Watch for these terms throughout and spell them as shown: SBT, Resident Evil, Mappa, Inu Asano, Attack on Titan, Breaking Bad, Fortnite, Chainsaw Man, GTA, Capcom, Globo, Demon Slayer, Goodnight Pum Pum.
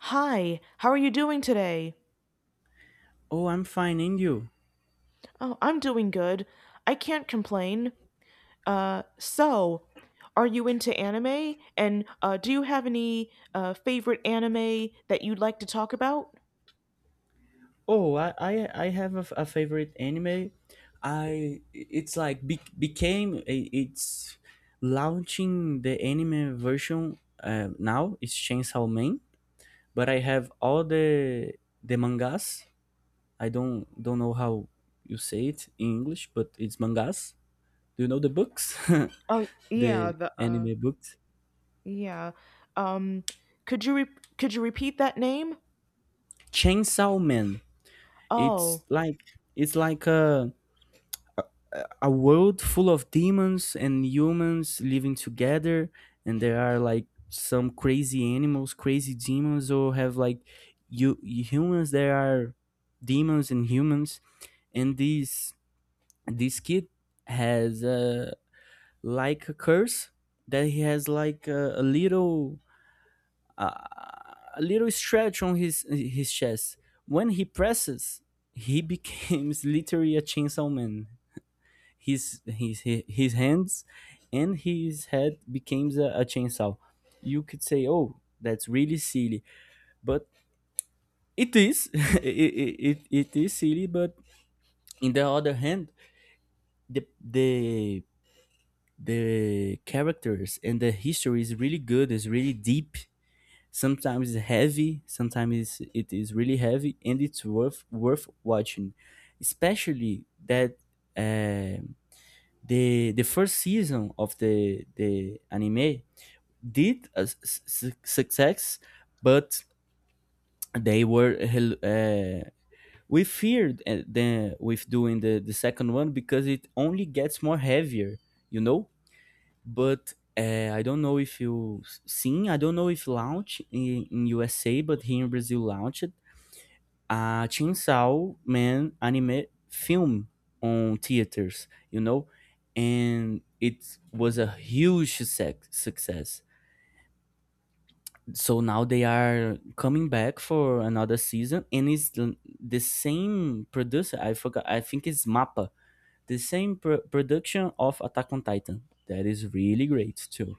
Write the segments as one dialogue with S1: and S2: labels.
S1: Hi, how are you doing today?
S2: Oh, I'm finding you.
S1: Oh, I'm doing good. I can't complain. Uh, so, are you into anime? And do you have any favorite anime that you'd like to talk about?
S2: Oh, I have a favorite anime. I it's like be, became a- it's launching the anime version now. It's Chainsaw Man, but I have all the mangas. I don't know how you say it in English, but it's mangas. Do you know the books?
S1: Oh, yeah,
S2: The
S1: the
S2: anime books.
S1: yeah. Um, could you could you repeat that name?
S2: Chainsaw Man. It's
S1: Oh,
S2: like it's like a world full of demons and humans living together, and there are like some crazy animals, crazy demons, or have like you humans, there are demons and humans, and this kid has like a curse, that he has like a little uh, a little stretch on his chest. When he presses, he becomes literally a chainsaw man. His hands and his head becomes a chainsaw. You could say, "Oh, that's really silly," but it is. It is silly, but in the other hand, the the the characters and the history is really good. It's really deep. Sometimes it's heavy. Sometimes it is really heavy, and it's worth watching, especially that. um the first season of the anime did a success, but they were uh, we feared with doing the second one because it only gets more heavier, you know. But I don't know if you seen. I don't know if launch in USA, but here in Brazil launched a Chainsaw Man anime film on theaters, you know, and it was a huge success. So now they are coming back for another season, and it's the same producer. I forgot. I think it's Mappa, the same production of Attack on Titan. That is really great too.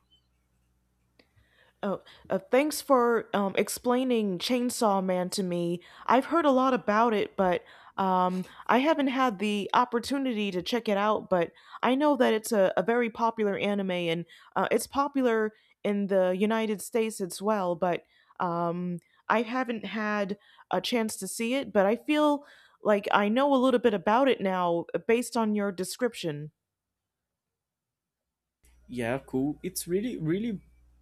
S1: Oh, thanks for explaining Chainsaw Man to me. I've heard a lot about it, but I haven't had the opportunity to check it out. But I know that it's a very popular anime, and it's popular in the United States as well. But um, I haven't had a chance to see it, but I feel like I know a little bit about it now based on your description.
S2: Yeah, cool. It's really, really,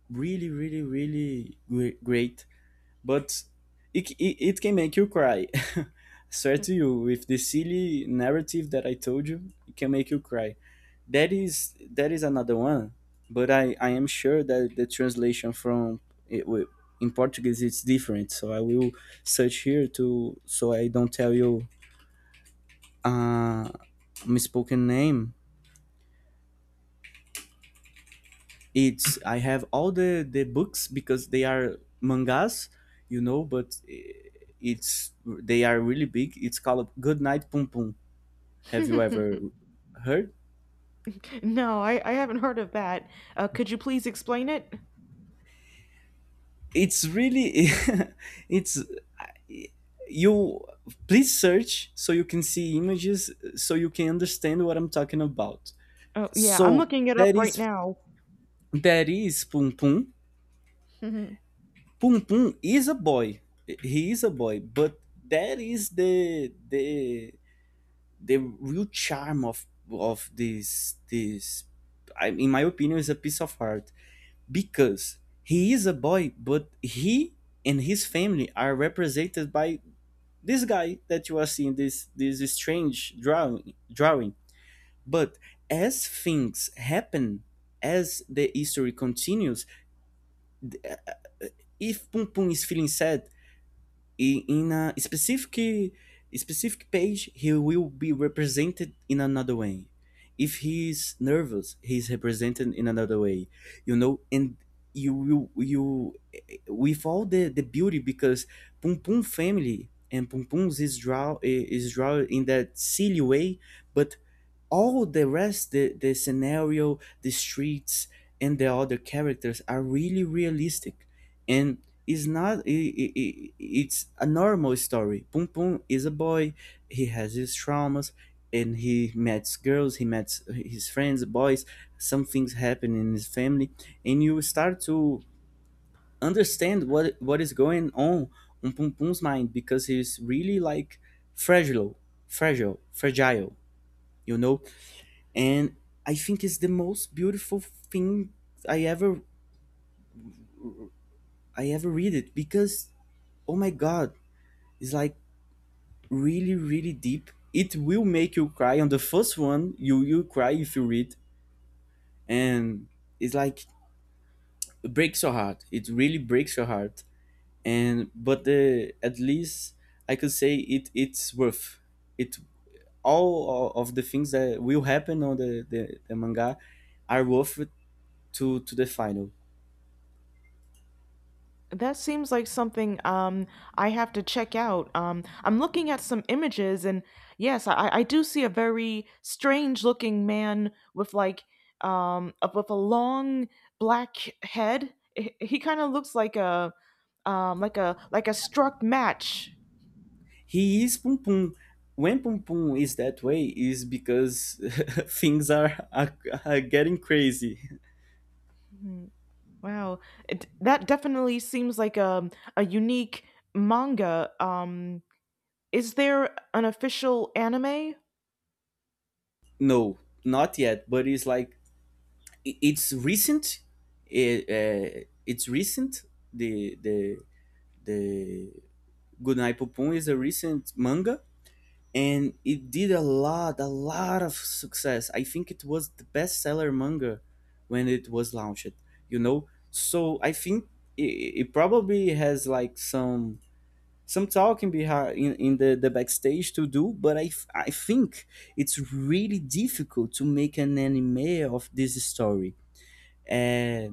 S2: really, really, really gre- great But it can make you cry. I swear to you, with the silly narrative that I told you, it can make you cry. That is another one, but I am sure that the translation from it, wi- in Portuguese it's different. So I will search here to, so I don't tell you a misspoken name. It's, I have all the books, because they are mangas, you know. But it's they are really big. It's called Good Night Pum Pum. Have you ever heard?
S1: No, I haven't heard of that. Could you please explain it?
S2: It's really, it's, you, please search, so you can see images, so you can understand what I'm talking about.
S1: Oh, yeah, I'm
S2: So
S1: looking it
S2: that
S1: up right
S2: is
S1: now.
S2: that is Pum Pum.
S1: Mhm.
S2: Pum Pum is a boy. He is a boy, but that is the real charm of this, I, in my opinion, is a piece of art, because he is a boy, but he and his family are represented by this guy that you are seeing, this strange drawing. But as things happen, as the history continues, th- if Pum Pum is feeling sad, in a specific page, he will be represented in another way. If he's nervous, he's represented in another way, you know. And you will, you, with all the beauty, because Pum Pum family and Pum Pum's is drawn in that silly way, but all the rest, the scenario, the streets, and the other characters are really realistic. And it's not, I, it's a normal story. Pum Pum is a boy. He has his traumas, and he meets girls, he meets his friends, boys, some things happen in his family, and you start to understand what is going on Pum Pum's mind, because he's really like fragile, fragile, you know. And I think it's the most beautiful thing I ever I ever read it, because oh my god, it's like really really deep. It will make you cry on the first one. You cry if you read, and it's like it breaks your heart. It really breaks your heart. And but, the at least, I could say it, it's worth it. All of the things that will happen on the manga are worth it to the final.
S1: That seems like something I have to check out. I'm looking at some images, and yes, I do see a very strange looking man with like with a long black head. He kind of looks like a like a like a struck match.
S2: He is Pum Pum. When Pum Pum is that way, is because things are getting crazy.
S1: Hmm. Wow, that definitely seems like a unique manga. Is there an official anime?
S2: No, not yet, but it's like it's recent. It, it's recent. The the the Goodnight Pum Pum is a recent manga, and it did a lot of success. I think it was the bestseller manga when it was launched. You know, so I think it, it probably has like some talking behind in the backstage to do, but I think it's really difficult to make an anime of this story, uh,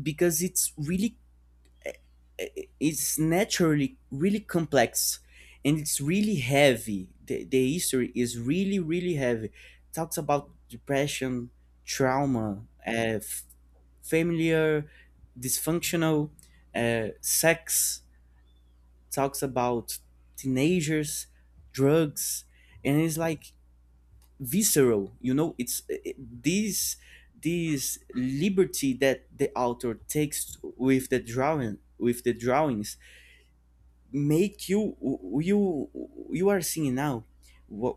S2: because it's really, it's naturally really complex, and it's really heavy. The history is really really heavy. Talks about depression, trauma, f- familiar dysfunctional, sex, talks about teenagers, drugs, and it's like visceral. You know, it's it, this liberty that the author takes with the drawing, with the drawings, make you, you, you are seeing now what,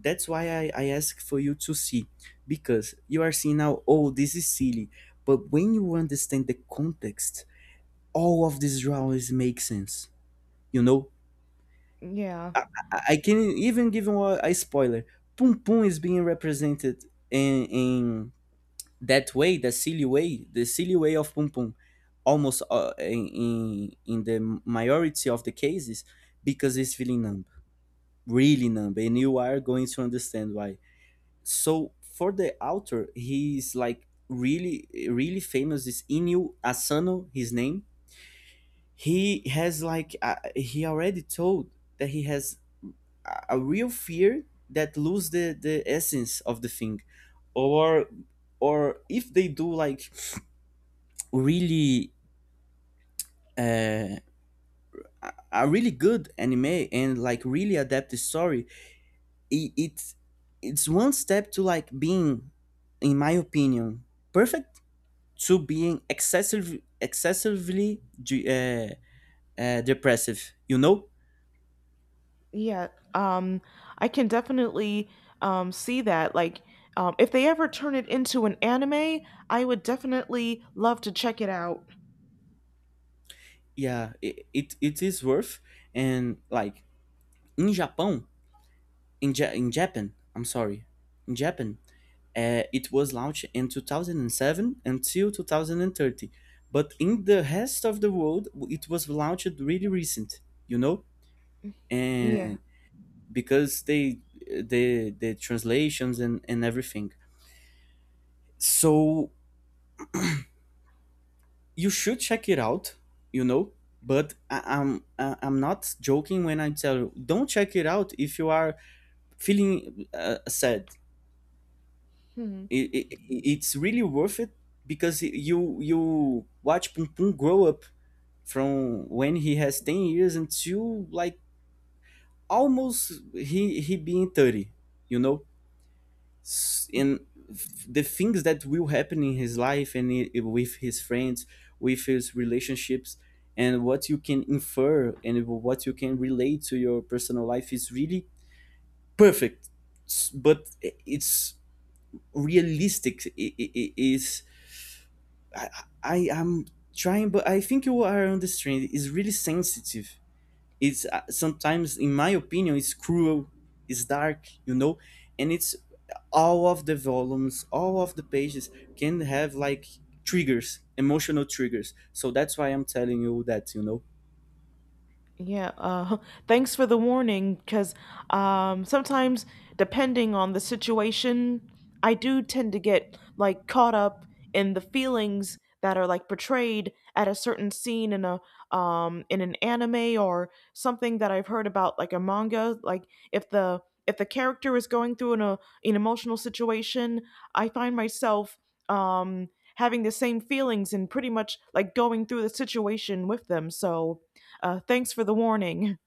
S2: that's why I ask for you to see, because you are seeing now, oh this is silly, but when you understand the context, all of these drawings make sense, you know.
S1: Yeah,
S2: I, I can even give you a spoiler. Pum Pum is being represented in that way, the silly way of Pum Pum, almost in the majority of the cases, because it's feeling numb, really numb, and you are going to understand why. So for the author, he's like really, really famous. Is Inu Asano his name? He has like he already told that he has a real fear that lose the essence of the thing, or or if they do like really uh, a really good anime and like really adapt the story, it it's one step to like being, in my opinion, perfect, to being excessively depressive, you know.
S1: yeah. Um, I can definitely see that. Like, if they ever turn it into an anime, I would definitely love to check it out.
S2: Yeah, it is worth. And like in in Japan. I'm sorry, in Japan, it was launched in 2007 until 2030, but in the rest of the world, it was launched really recent. You know,
S1: Yeah.
S2: and because they, the translations, and everything. So you should check it out. You know. But I'm not joking when I tell you, don't check it out if you are feeling sad.
S1: Hmm.
S2: It's really worth it, because you watch Pum Pum grow up from when he has 10 years until like almost he being 30, you know. And the things that will happen in his life, and with his friends, with his relationships, and what you can infer and what you can relate to your personal life is really perfect. But it's realistic. It is. I, I am trying, but I think you are on this trend. It's really sensitive. It's sometimes, in my opinion, it's cruel. It's dark, you know, and it's all of the volumes, all of the pages can have like triggers, emotional triggers. So that's why I'm telling you that, you know.
S1: Yeah, thanks for the warning because sometimes, depending on the situation, I do tend to get like caught up in the feelings that are like portrayed at a certain scene in a in an anime or something that I've heard about like a manga. Like if the character is going through an emotional situation, I find myself um, having the same feelings and pretty much like going through the situation with them. So thanks for the warning.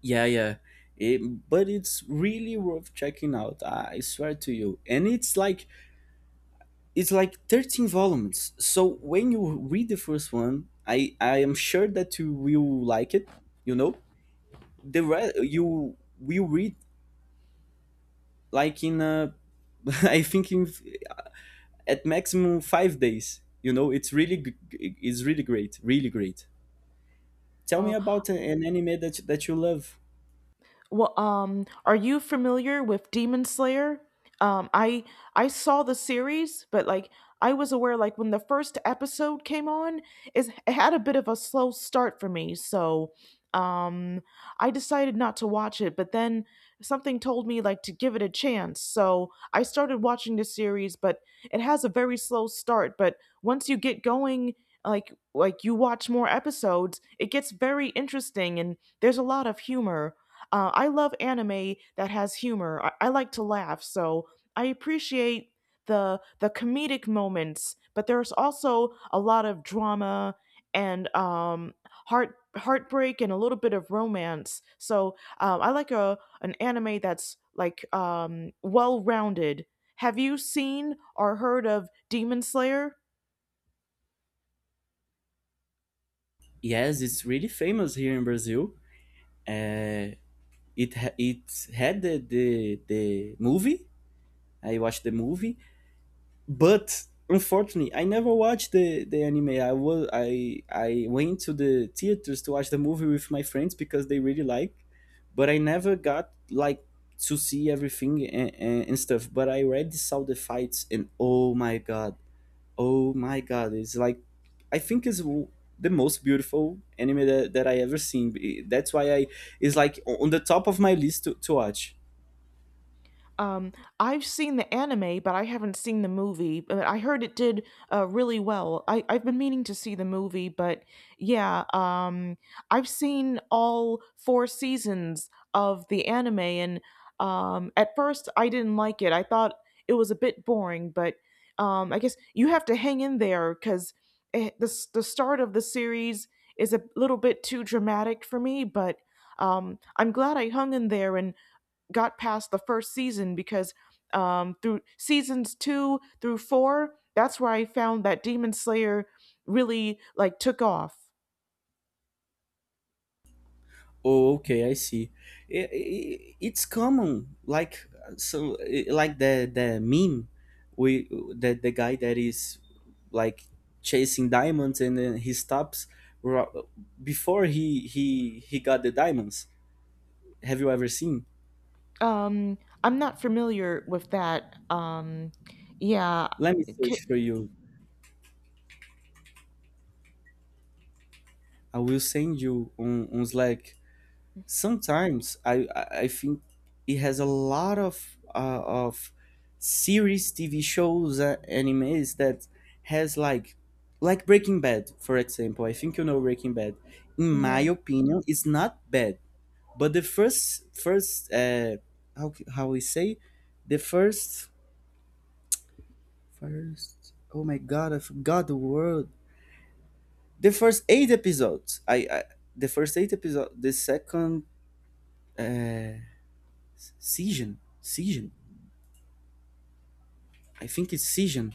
S2: Yeah, yeah. It- but it's really worth checking out. I swear to you. And it's like 13 volumes, so when you read the first one, I am sure that you will like it, you know. The you will read like in I think in uh, at maximum 5 days, you know. It's really it's really great, really great. Tell me
S1: Well,
S2: about an anime that you love.
S1: Well, are you familiar with Demon Slayer? Um, I I saw the series, but like I was aware, like when the first episode came on, is it had a bit of a slow start for me, so um, I decided not to watch it. But then something told me like to give it a chance, so I started watching the series. But it has a very slow start, but once you get going, like you watch more episodes, it gets very interesting and there's a lot of humor. I love anime that has humor. I like to laugh, so I appreciate the comedic moments. But there's also a lot of drama and heartbreak and a little bit of romance. So I like a an anime that's like well rounded. Have you seen or heard of Demon Slayer?
S2: Yes, it's really famous here in Brazil. uh, it had the movie. I watched the movie, but unfortunately I never watched the anime. I was I went to the theaters to watch the movie with my friends, because they really like. But I never got like to see everything, and stuff. But I already saw the fights, and oh my god, oh my god, it's like, I think it's the most beautiful anime that I ever seen. That's why I, it's like on the top of my list to watch.
S1: Um, I've seen the anime, but I haven't seen the movie. But I heard it did really well. I've been meaning to see the movie, but yeah, I've seen all four seasons of the anime, and at first I didn't like it. I thought it was a bit boring, but I guess you have to hang in there because the start of the series is a little bit too dramatic for me, but. I'm glad I hung in there and got past the first season because through seasons two through four, that's where I found that Demon Slayer really like took off.
S2: Oh, okay, I see. I it's common, like like the meme, we, the guy that is like chasing diamonds, and then he stops ro- before he got the diamonds. Have you ever seen?
S1: Um, I'm not familiar with that. Um, yeah,
S2: Let me
S1: c-
S2: search for you. I will send you on Slack. Sometimes I think it has a lot of series, TV shows, animes, that has like Breaking Bad, for example. I think you know Breaking Bad. In my
S1: yeah.
S2: opinion, it's not bad, but the first how how we say the first oh my god I forgot the word, the first eight episodes I the first eight episode the second uh, season I think it's season.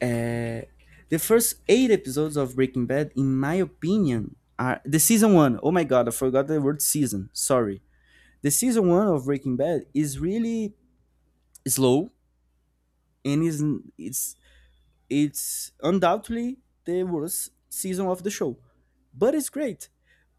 S2: Uh, the first eight episodes of Breaking Bad, in my opinion, are the season one. Oh my god, I forgot the word season. Sorry. The season one of Breaking Bad is really slow and is it's it's undoubtedly the worst season of the show, but it's great.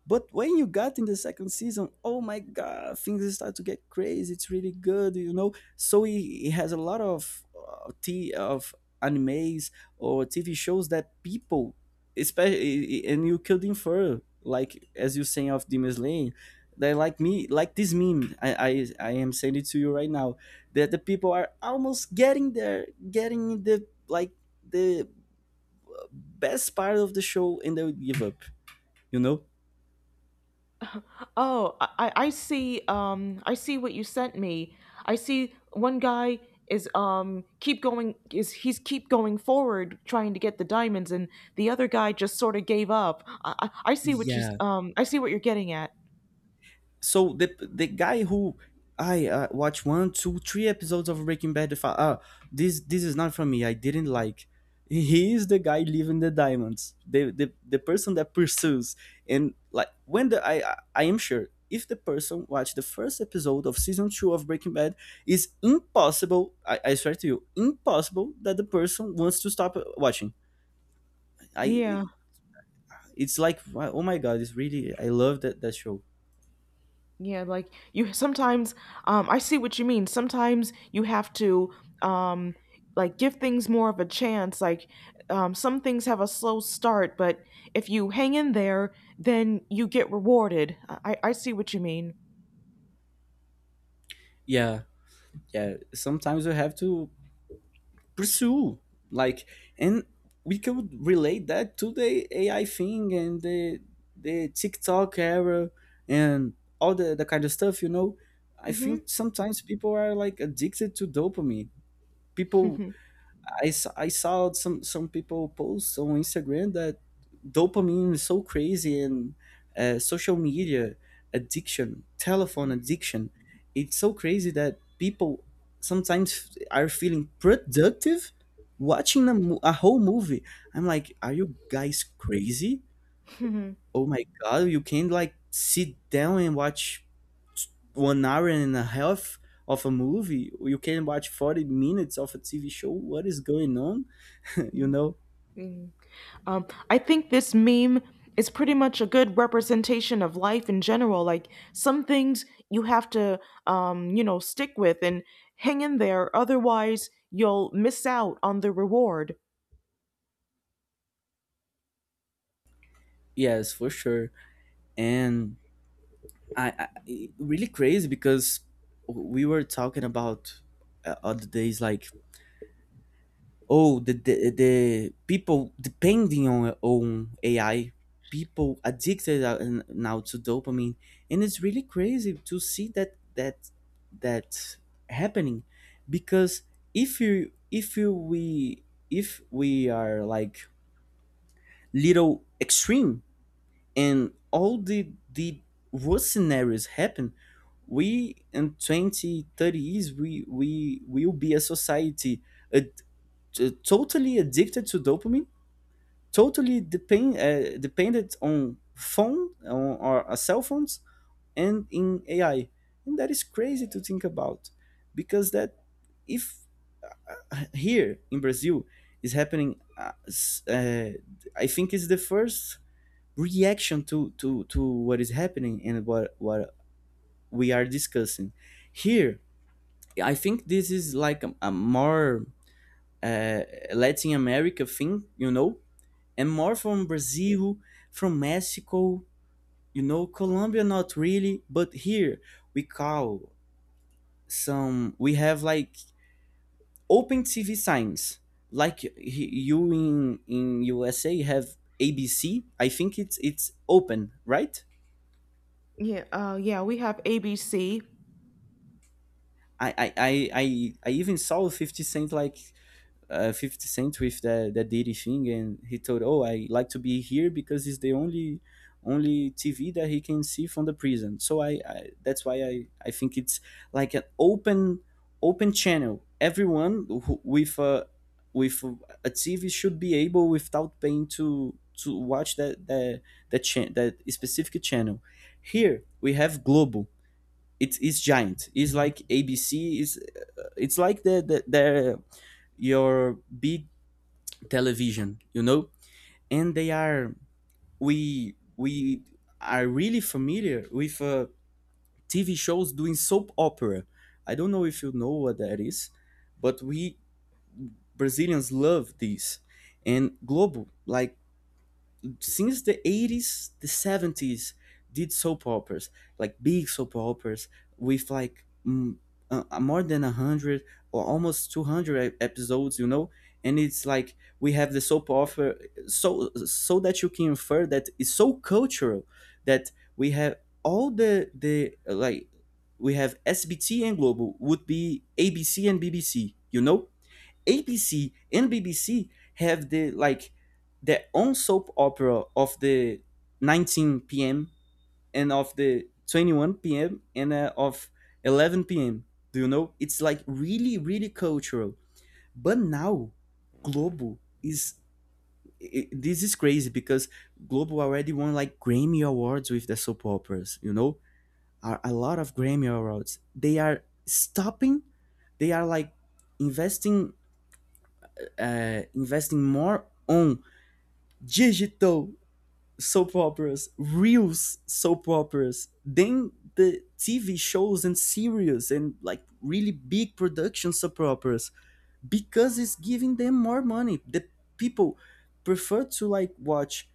S2: But when you got in the second season, oh my god, things start to get crazy. It's really good, you know. So he has a lot of t of animes or TV shows that people, especially, and you could infer, like as you saying, of Demon Slayer, they like me like this meme. I am sending it to you right now, that the people are almost getting there, getting the, like, the best part of the show, and they will give up. You know?
S1: Oh, I see. I see what you sent me. I see one guy is keep going is he's keep going forward trying to get the diamonds, and the other guy just sort of gave up. I see what
S2: Yeah,
S1: I see what you're getting at.
S2: so the guy who I watch one, two, three episodes of Breaking Bad. If I, ah, this is not for me. I didn't like. He is the guy leaving the diamonds. The person that pursues. And like, when the I am sure, if the person watched the first episode of season two of Breaking Bad, it's impossible. I swear to you, impossible that the person wants to stop watching. I,
S1: Yeah.
S2: it's like, oh my god, it's really, I love that show.
S1: Yeah, like you sometimes I see what you mean. Sometimes you have to um like give things more of a chance. Like some things have a slow start, but if you hang in there, then you get rewarded. I see what you mean.
S2: Yeah, yeah. Sometimes you have to pursue, like, and we could relate that to the AI thing and the TikTok era, and all the kind of stuff, you know. I
S1: Mhm.
S2: think sometimes people are like addicted to dopamine, people. I saw some people post on Instagram that dopamine is so crazy, and social media addiction, telephone addiction, it's so crazy that people sometimes are feeling productive watching a a whole movie. I'm like, are you guys crazy? Oh my god, you can't like sit down and watch 1 hour and a half of a movie. You can watch 40 minutes of a TV show. What is going on? You know,
S1: Mhm. I think this meme is pretty much a good representation of life in general. Like some things you have to, you know, stick with and hang in there. Otherwise, you'll miss out on the reward.
S2: yes, for sure. And I it- really crazy because we were talking about other days, like, oh, the people depending on AI, people addicted now to dopamine, and it's really crazy to see that happening, because if you if you we if we are like little extreme, and all the worst scenarios happen, we in 2030 years we will be a society uh, totally addicted to dopamine, totally dependent on phone, on our cell phones, and in AI, and that is crazy to think about. Because that, if here in Brazil is happening, I think is the first reaction to what is happening, and what we are discussing here. I think this is like a more uh, Latin America thing, you know, and more from Brazil, from Mexico. You know, Colombia, not really. But here we call, some, we have like open TV signs, like you in USA have ABC. I think it's open, right?
S1: Yeah. Yeah. We have ABC.
S2: I even saw 50 Cent, like, 50 Cent with that Diddy thing, and he told, "Oh, I like to be here because it's the only TV that he can see from the prison." So I that's why I think it's like an open channel. Everyone who, with a, with a TV should be able, without paying, to watch that specific channel. Here we have Globo. It's giant. It's like ABC. Is, it's like the your big television, you know? And they are, we are really familiar with TV shows doing soap opera. I don't know if you know what that is, but we Brazilians love this. And Globo, like, since the 80s, the 70s, did soap operas, like big soap operas with like more than 100 or almost 200 episodes, you know? And it's like we have the soap opera, so, so that you can infer that it's so cultural that we have all the like, we have SBT, and Global would be ABC and BBC, you know? ABC and BBC have the, like, their own soap opera of the 19 p.m. and of the 21 p.m. and of 11 p.m. Do you know? It's like really, really cultural. But now, Globo is, I this is crazy because Globo already won like Grammy awards with the soap operas. You know, are a lot of Grammy awards. They are stopping. They are like investing, investing more on digital soap operas, real soap operas, than the TV shows and series, and like really big production soap operas, because it's giving them more money. The people prefer to like watch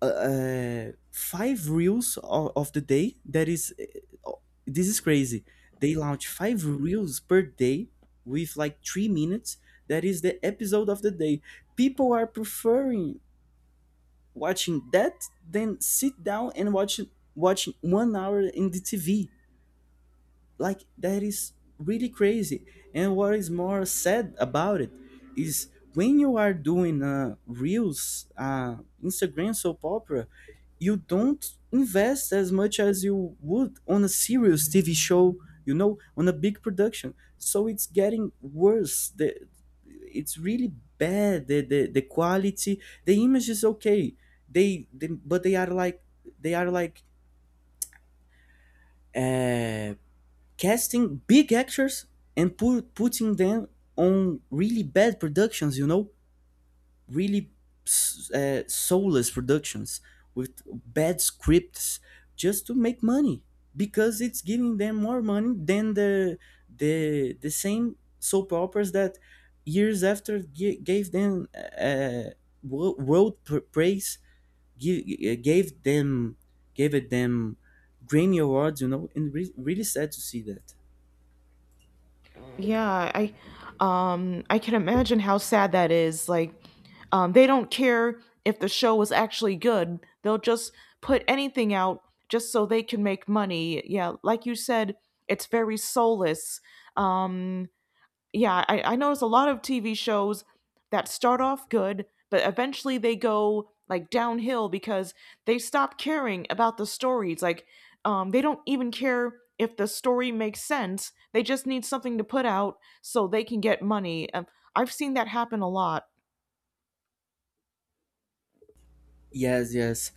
S2: five reels of the day, that is, uh, this is crazy, they launch five reels per day with like 3 minutes, that is the episode of the day. People are preferring watching that than sit down and watch watching 1 hour in the TV, like, that is really crazy. And what is more sad about it is, when you are doing reels, Instagram soap opera, you don't invest as much as you would on a serious TV show, you know, on a big production. So it's getting worse, the, it's really bad, the quality, the image is okay, they, but they are like, they are like uh, casting big actors and putting them on really bad productions, you know, really soulless productions with bad scripts, just to make money, because it's giving them more money than the, the same soap operas that years after gave them uh, world praise, give, gave them, gave it them Grammy awards, you know, and re- really sad to see that.
S1: Yeah, I can imagine how sad that is. Like they don't care if the show was actually good. They'll just put anything out just so they can make money. Yeah, like you said, it's very soulless. Um yeah, I notice a lot of TV shows that start off good, but eventually they go like downhill because they stop caring about the stories. Like, they don't even care if the story makes sense. They just need something to put out so they can get money. I've seen that happen a lot.
S2: Yes, yes.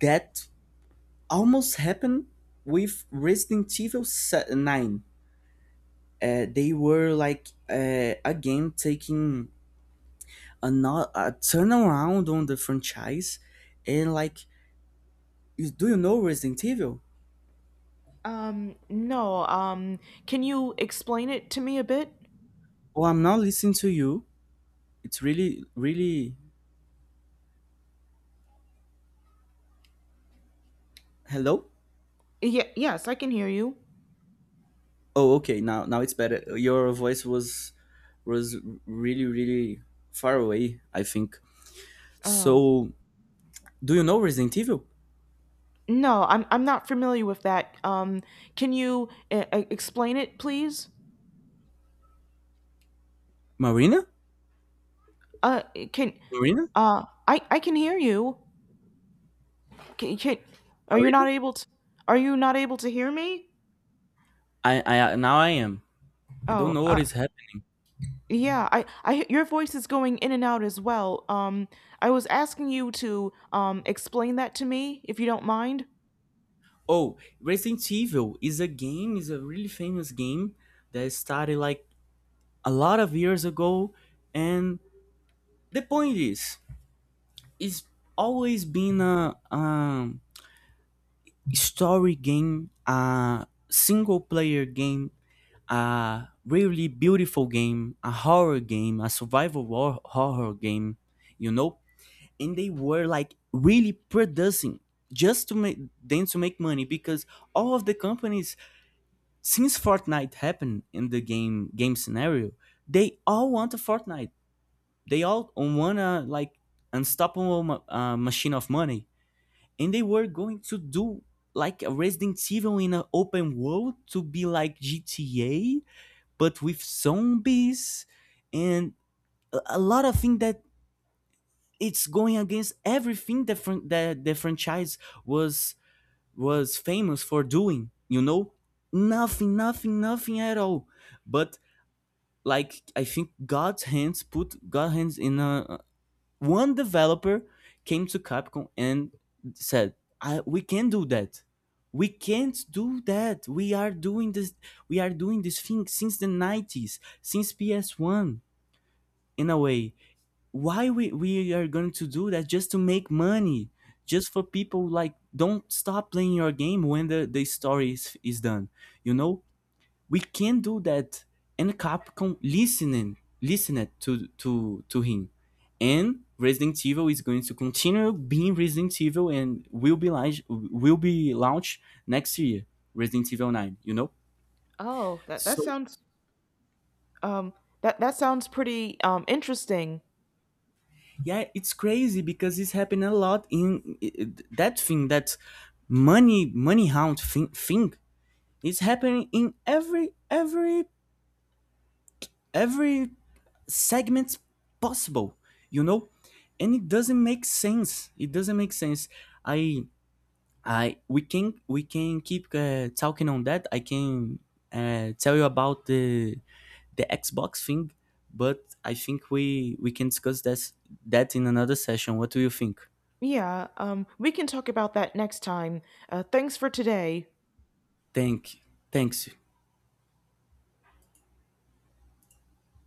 S2: That almost happened with Resident Evil 9. They were like again taking a, not, a turnaround on the franchise, and like, do you know Resident Evil?
S1: No, can you explain it to me a bit?
S2: Oh, I'm not listening to you. It's really really, hello?
S1: Yeah, yes, I can hear you.
S2: Oh, okay. Now, now it's better. Your voice was really really far away, I think.
S1: Oh,
S2: So, do you know Resident Evil?
S1: no, I'm not familiar with that. Can you explain it, please?
S2: Marina?
S1: Uh, can
S2: Marina?
S1: I can hear you. Can are you not
S2: Marina?
S1: able to? Are you not able to hear me?
S2: I now I am. I don't
S1: Oh,
S2: know what is happening.
S1: yeah. I your voice is going in and out as well. I was asking you to explain that to me if you don't mind.
S2: Oh, Resident Evil is a game, is a really famous game that started like a lot of years ago, and the point is, it's always been a story game, a single player game, a really beautiful game, a horror game, a survival horror game, you know. And they were like really producing just to make, then to make money, because all of the companies, since Fortnite happened in the game scenario, they all want a Fortnite. They all want a, like, unstoppable machine of money, and they were going to do like a Resident Evil in an open world to be like GTA, but with zombies and a lot of things that it's going against everything that the franchise was was famous for doing, you know. Nothing, nothing, nothing at all. But, like, I think God's hands in a one developer came to Capcom and said, I, we can do that, we can't do that, we are doing this, we are doing this thing since the 90s, since PS1, in a way, why we are going to do that just to make money, just for people, like, don't stop playing your game when the story is done, you know. We can do that. And Capcom listening listened to him. And Resident Evil is going to continue being Resident Evil, and will be launched next year, Resident Evil 9, you know.
S1: Oh, that that
S2: So,
S1: sounds Um, that that sounds pretty interesting.
S2: yeah, it's crazy because it's happening a lot in, that thing, that money, money hound thing, is happening in every, every segment possible, you know. And it doesn't make sense, it doesn't make sense. I i we can, we can keep talking on that. I can tell you about the Xbox thing, but I think we can discuss this, that, in another session. What do you think?
S1: Yeah, we can talk about that next time. Thanks for today.
S2: Thank, thanks.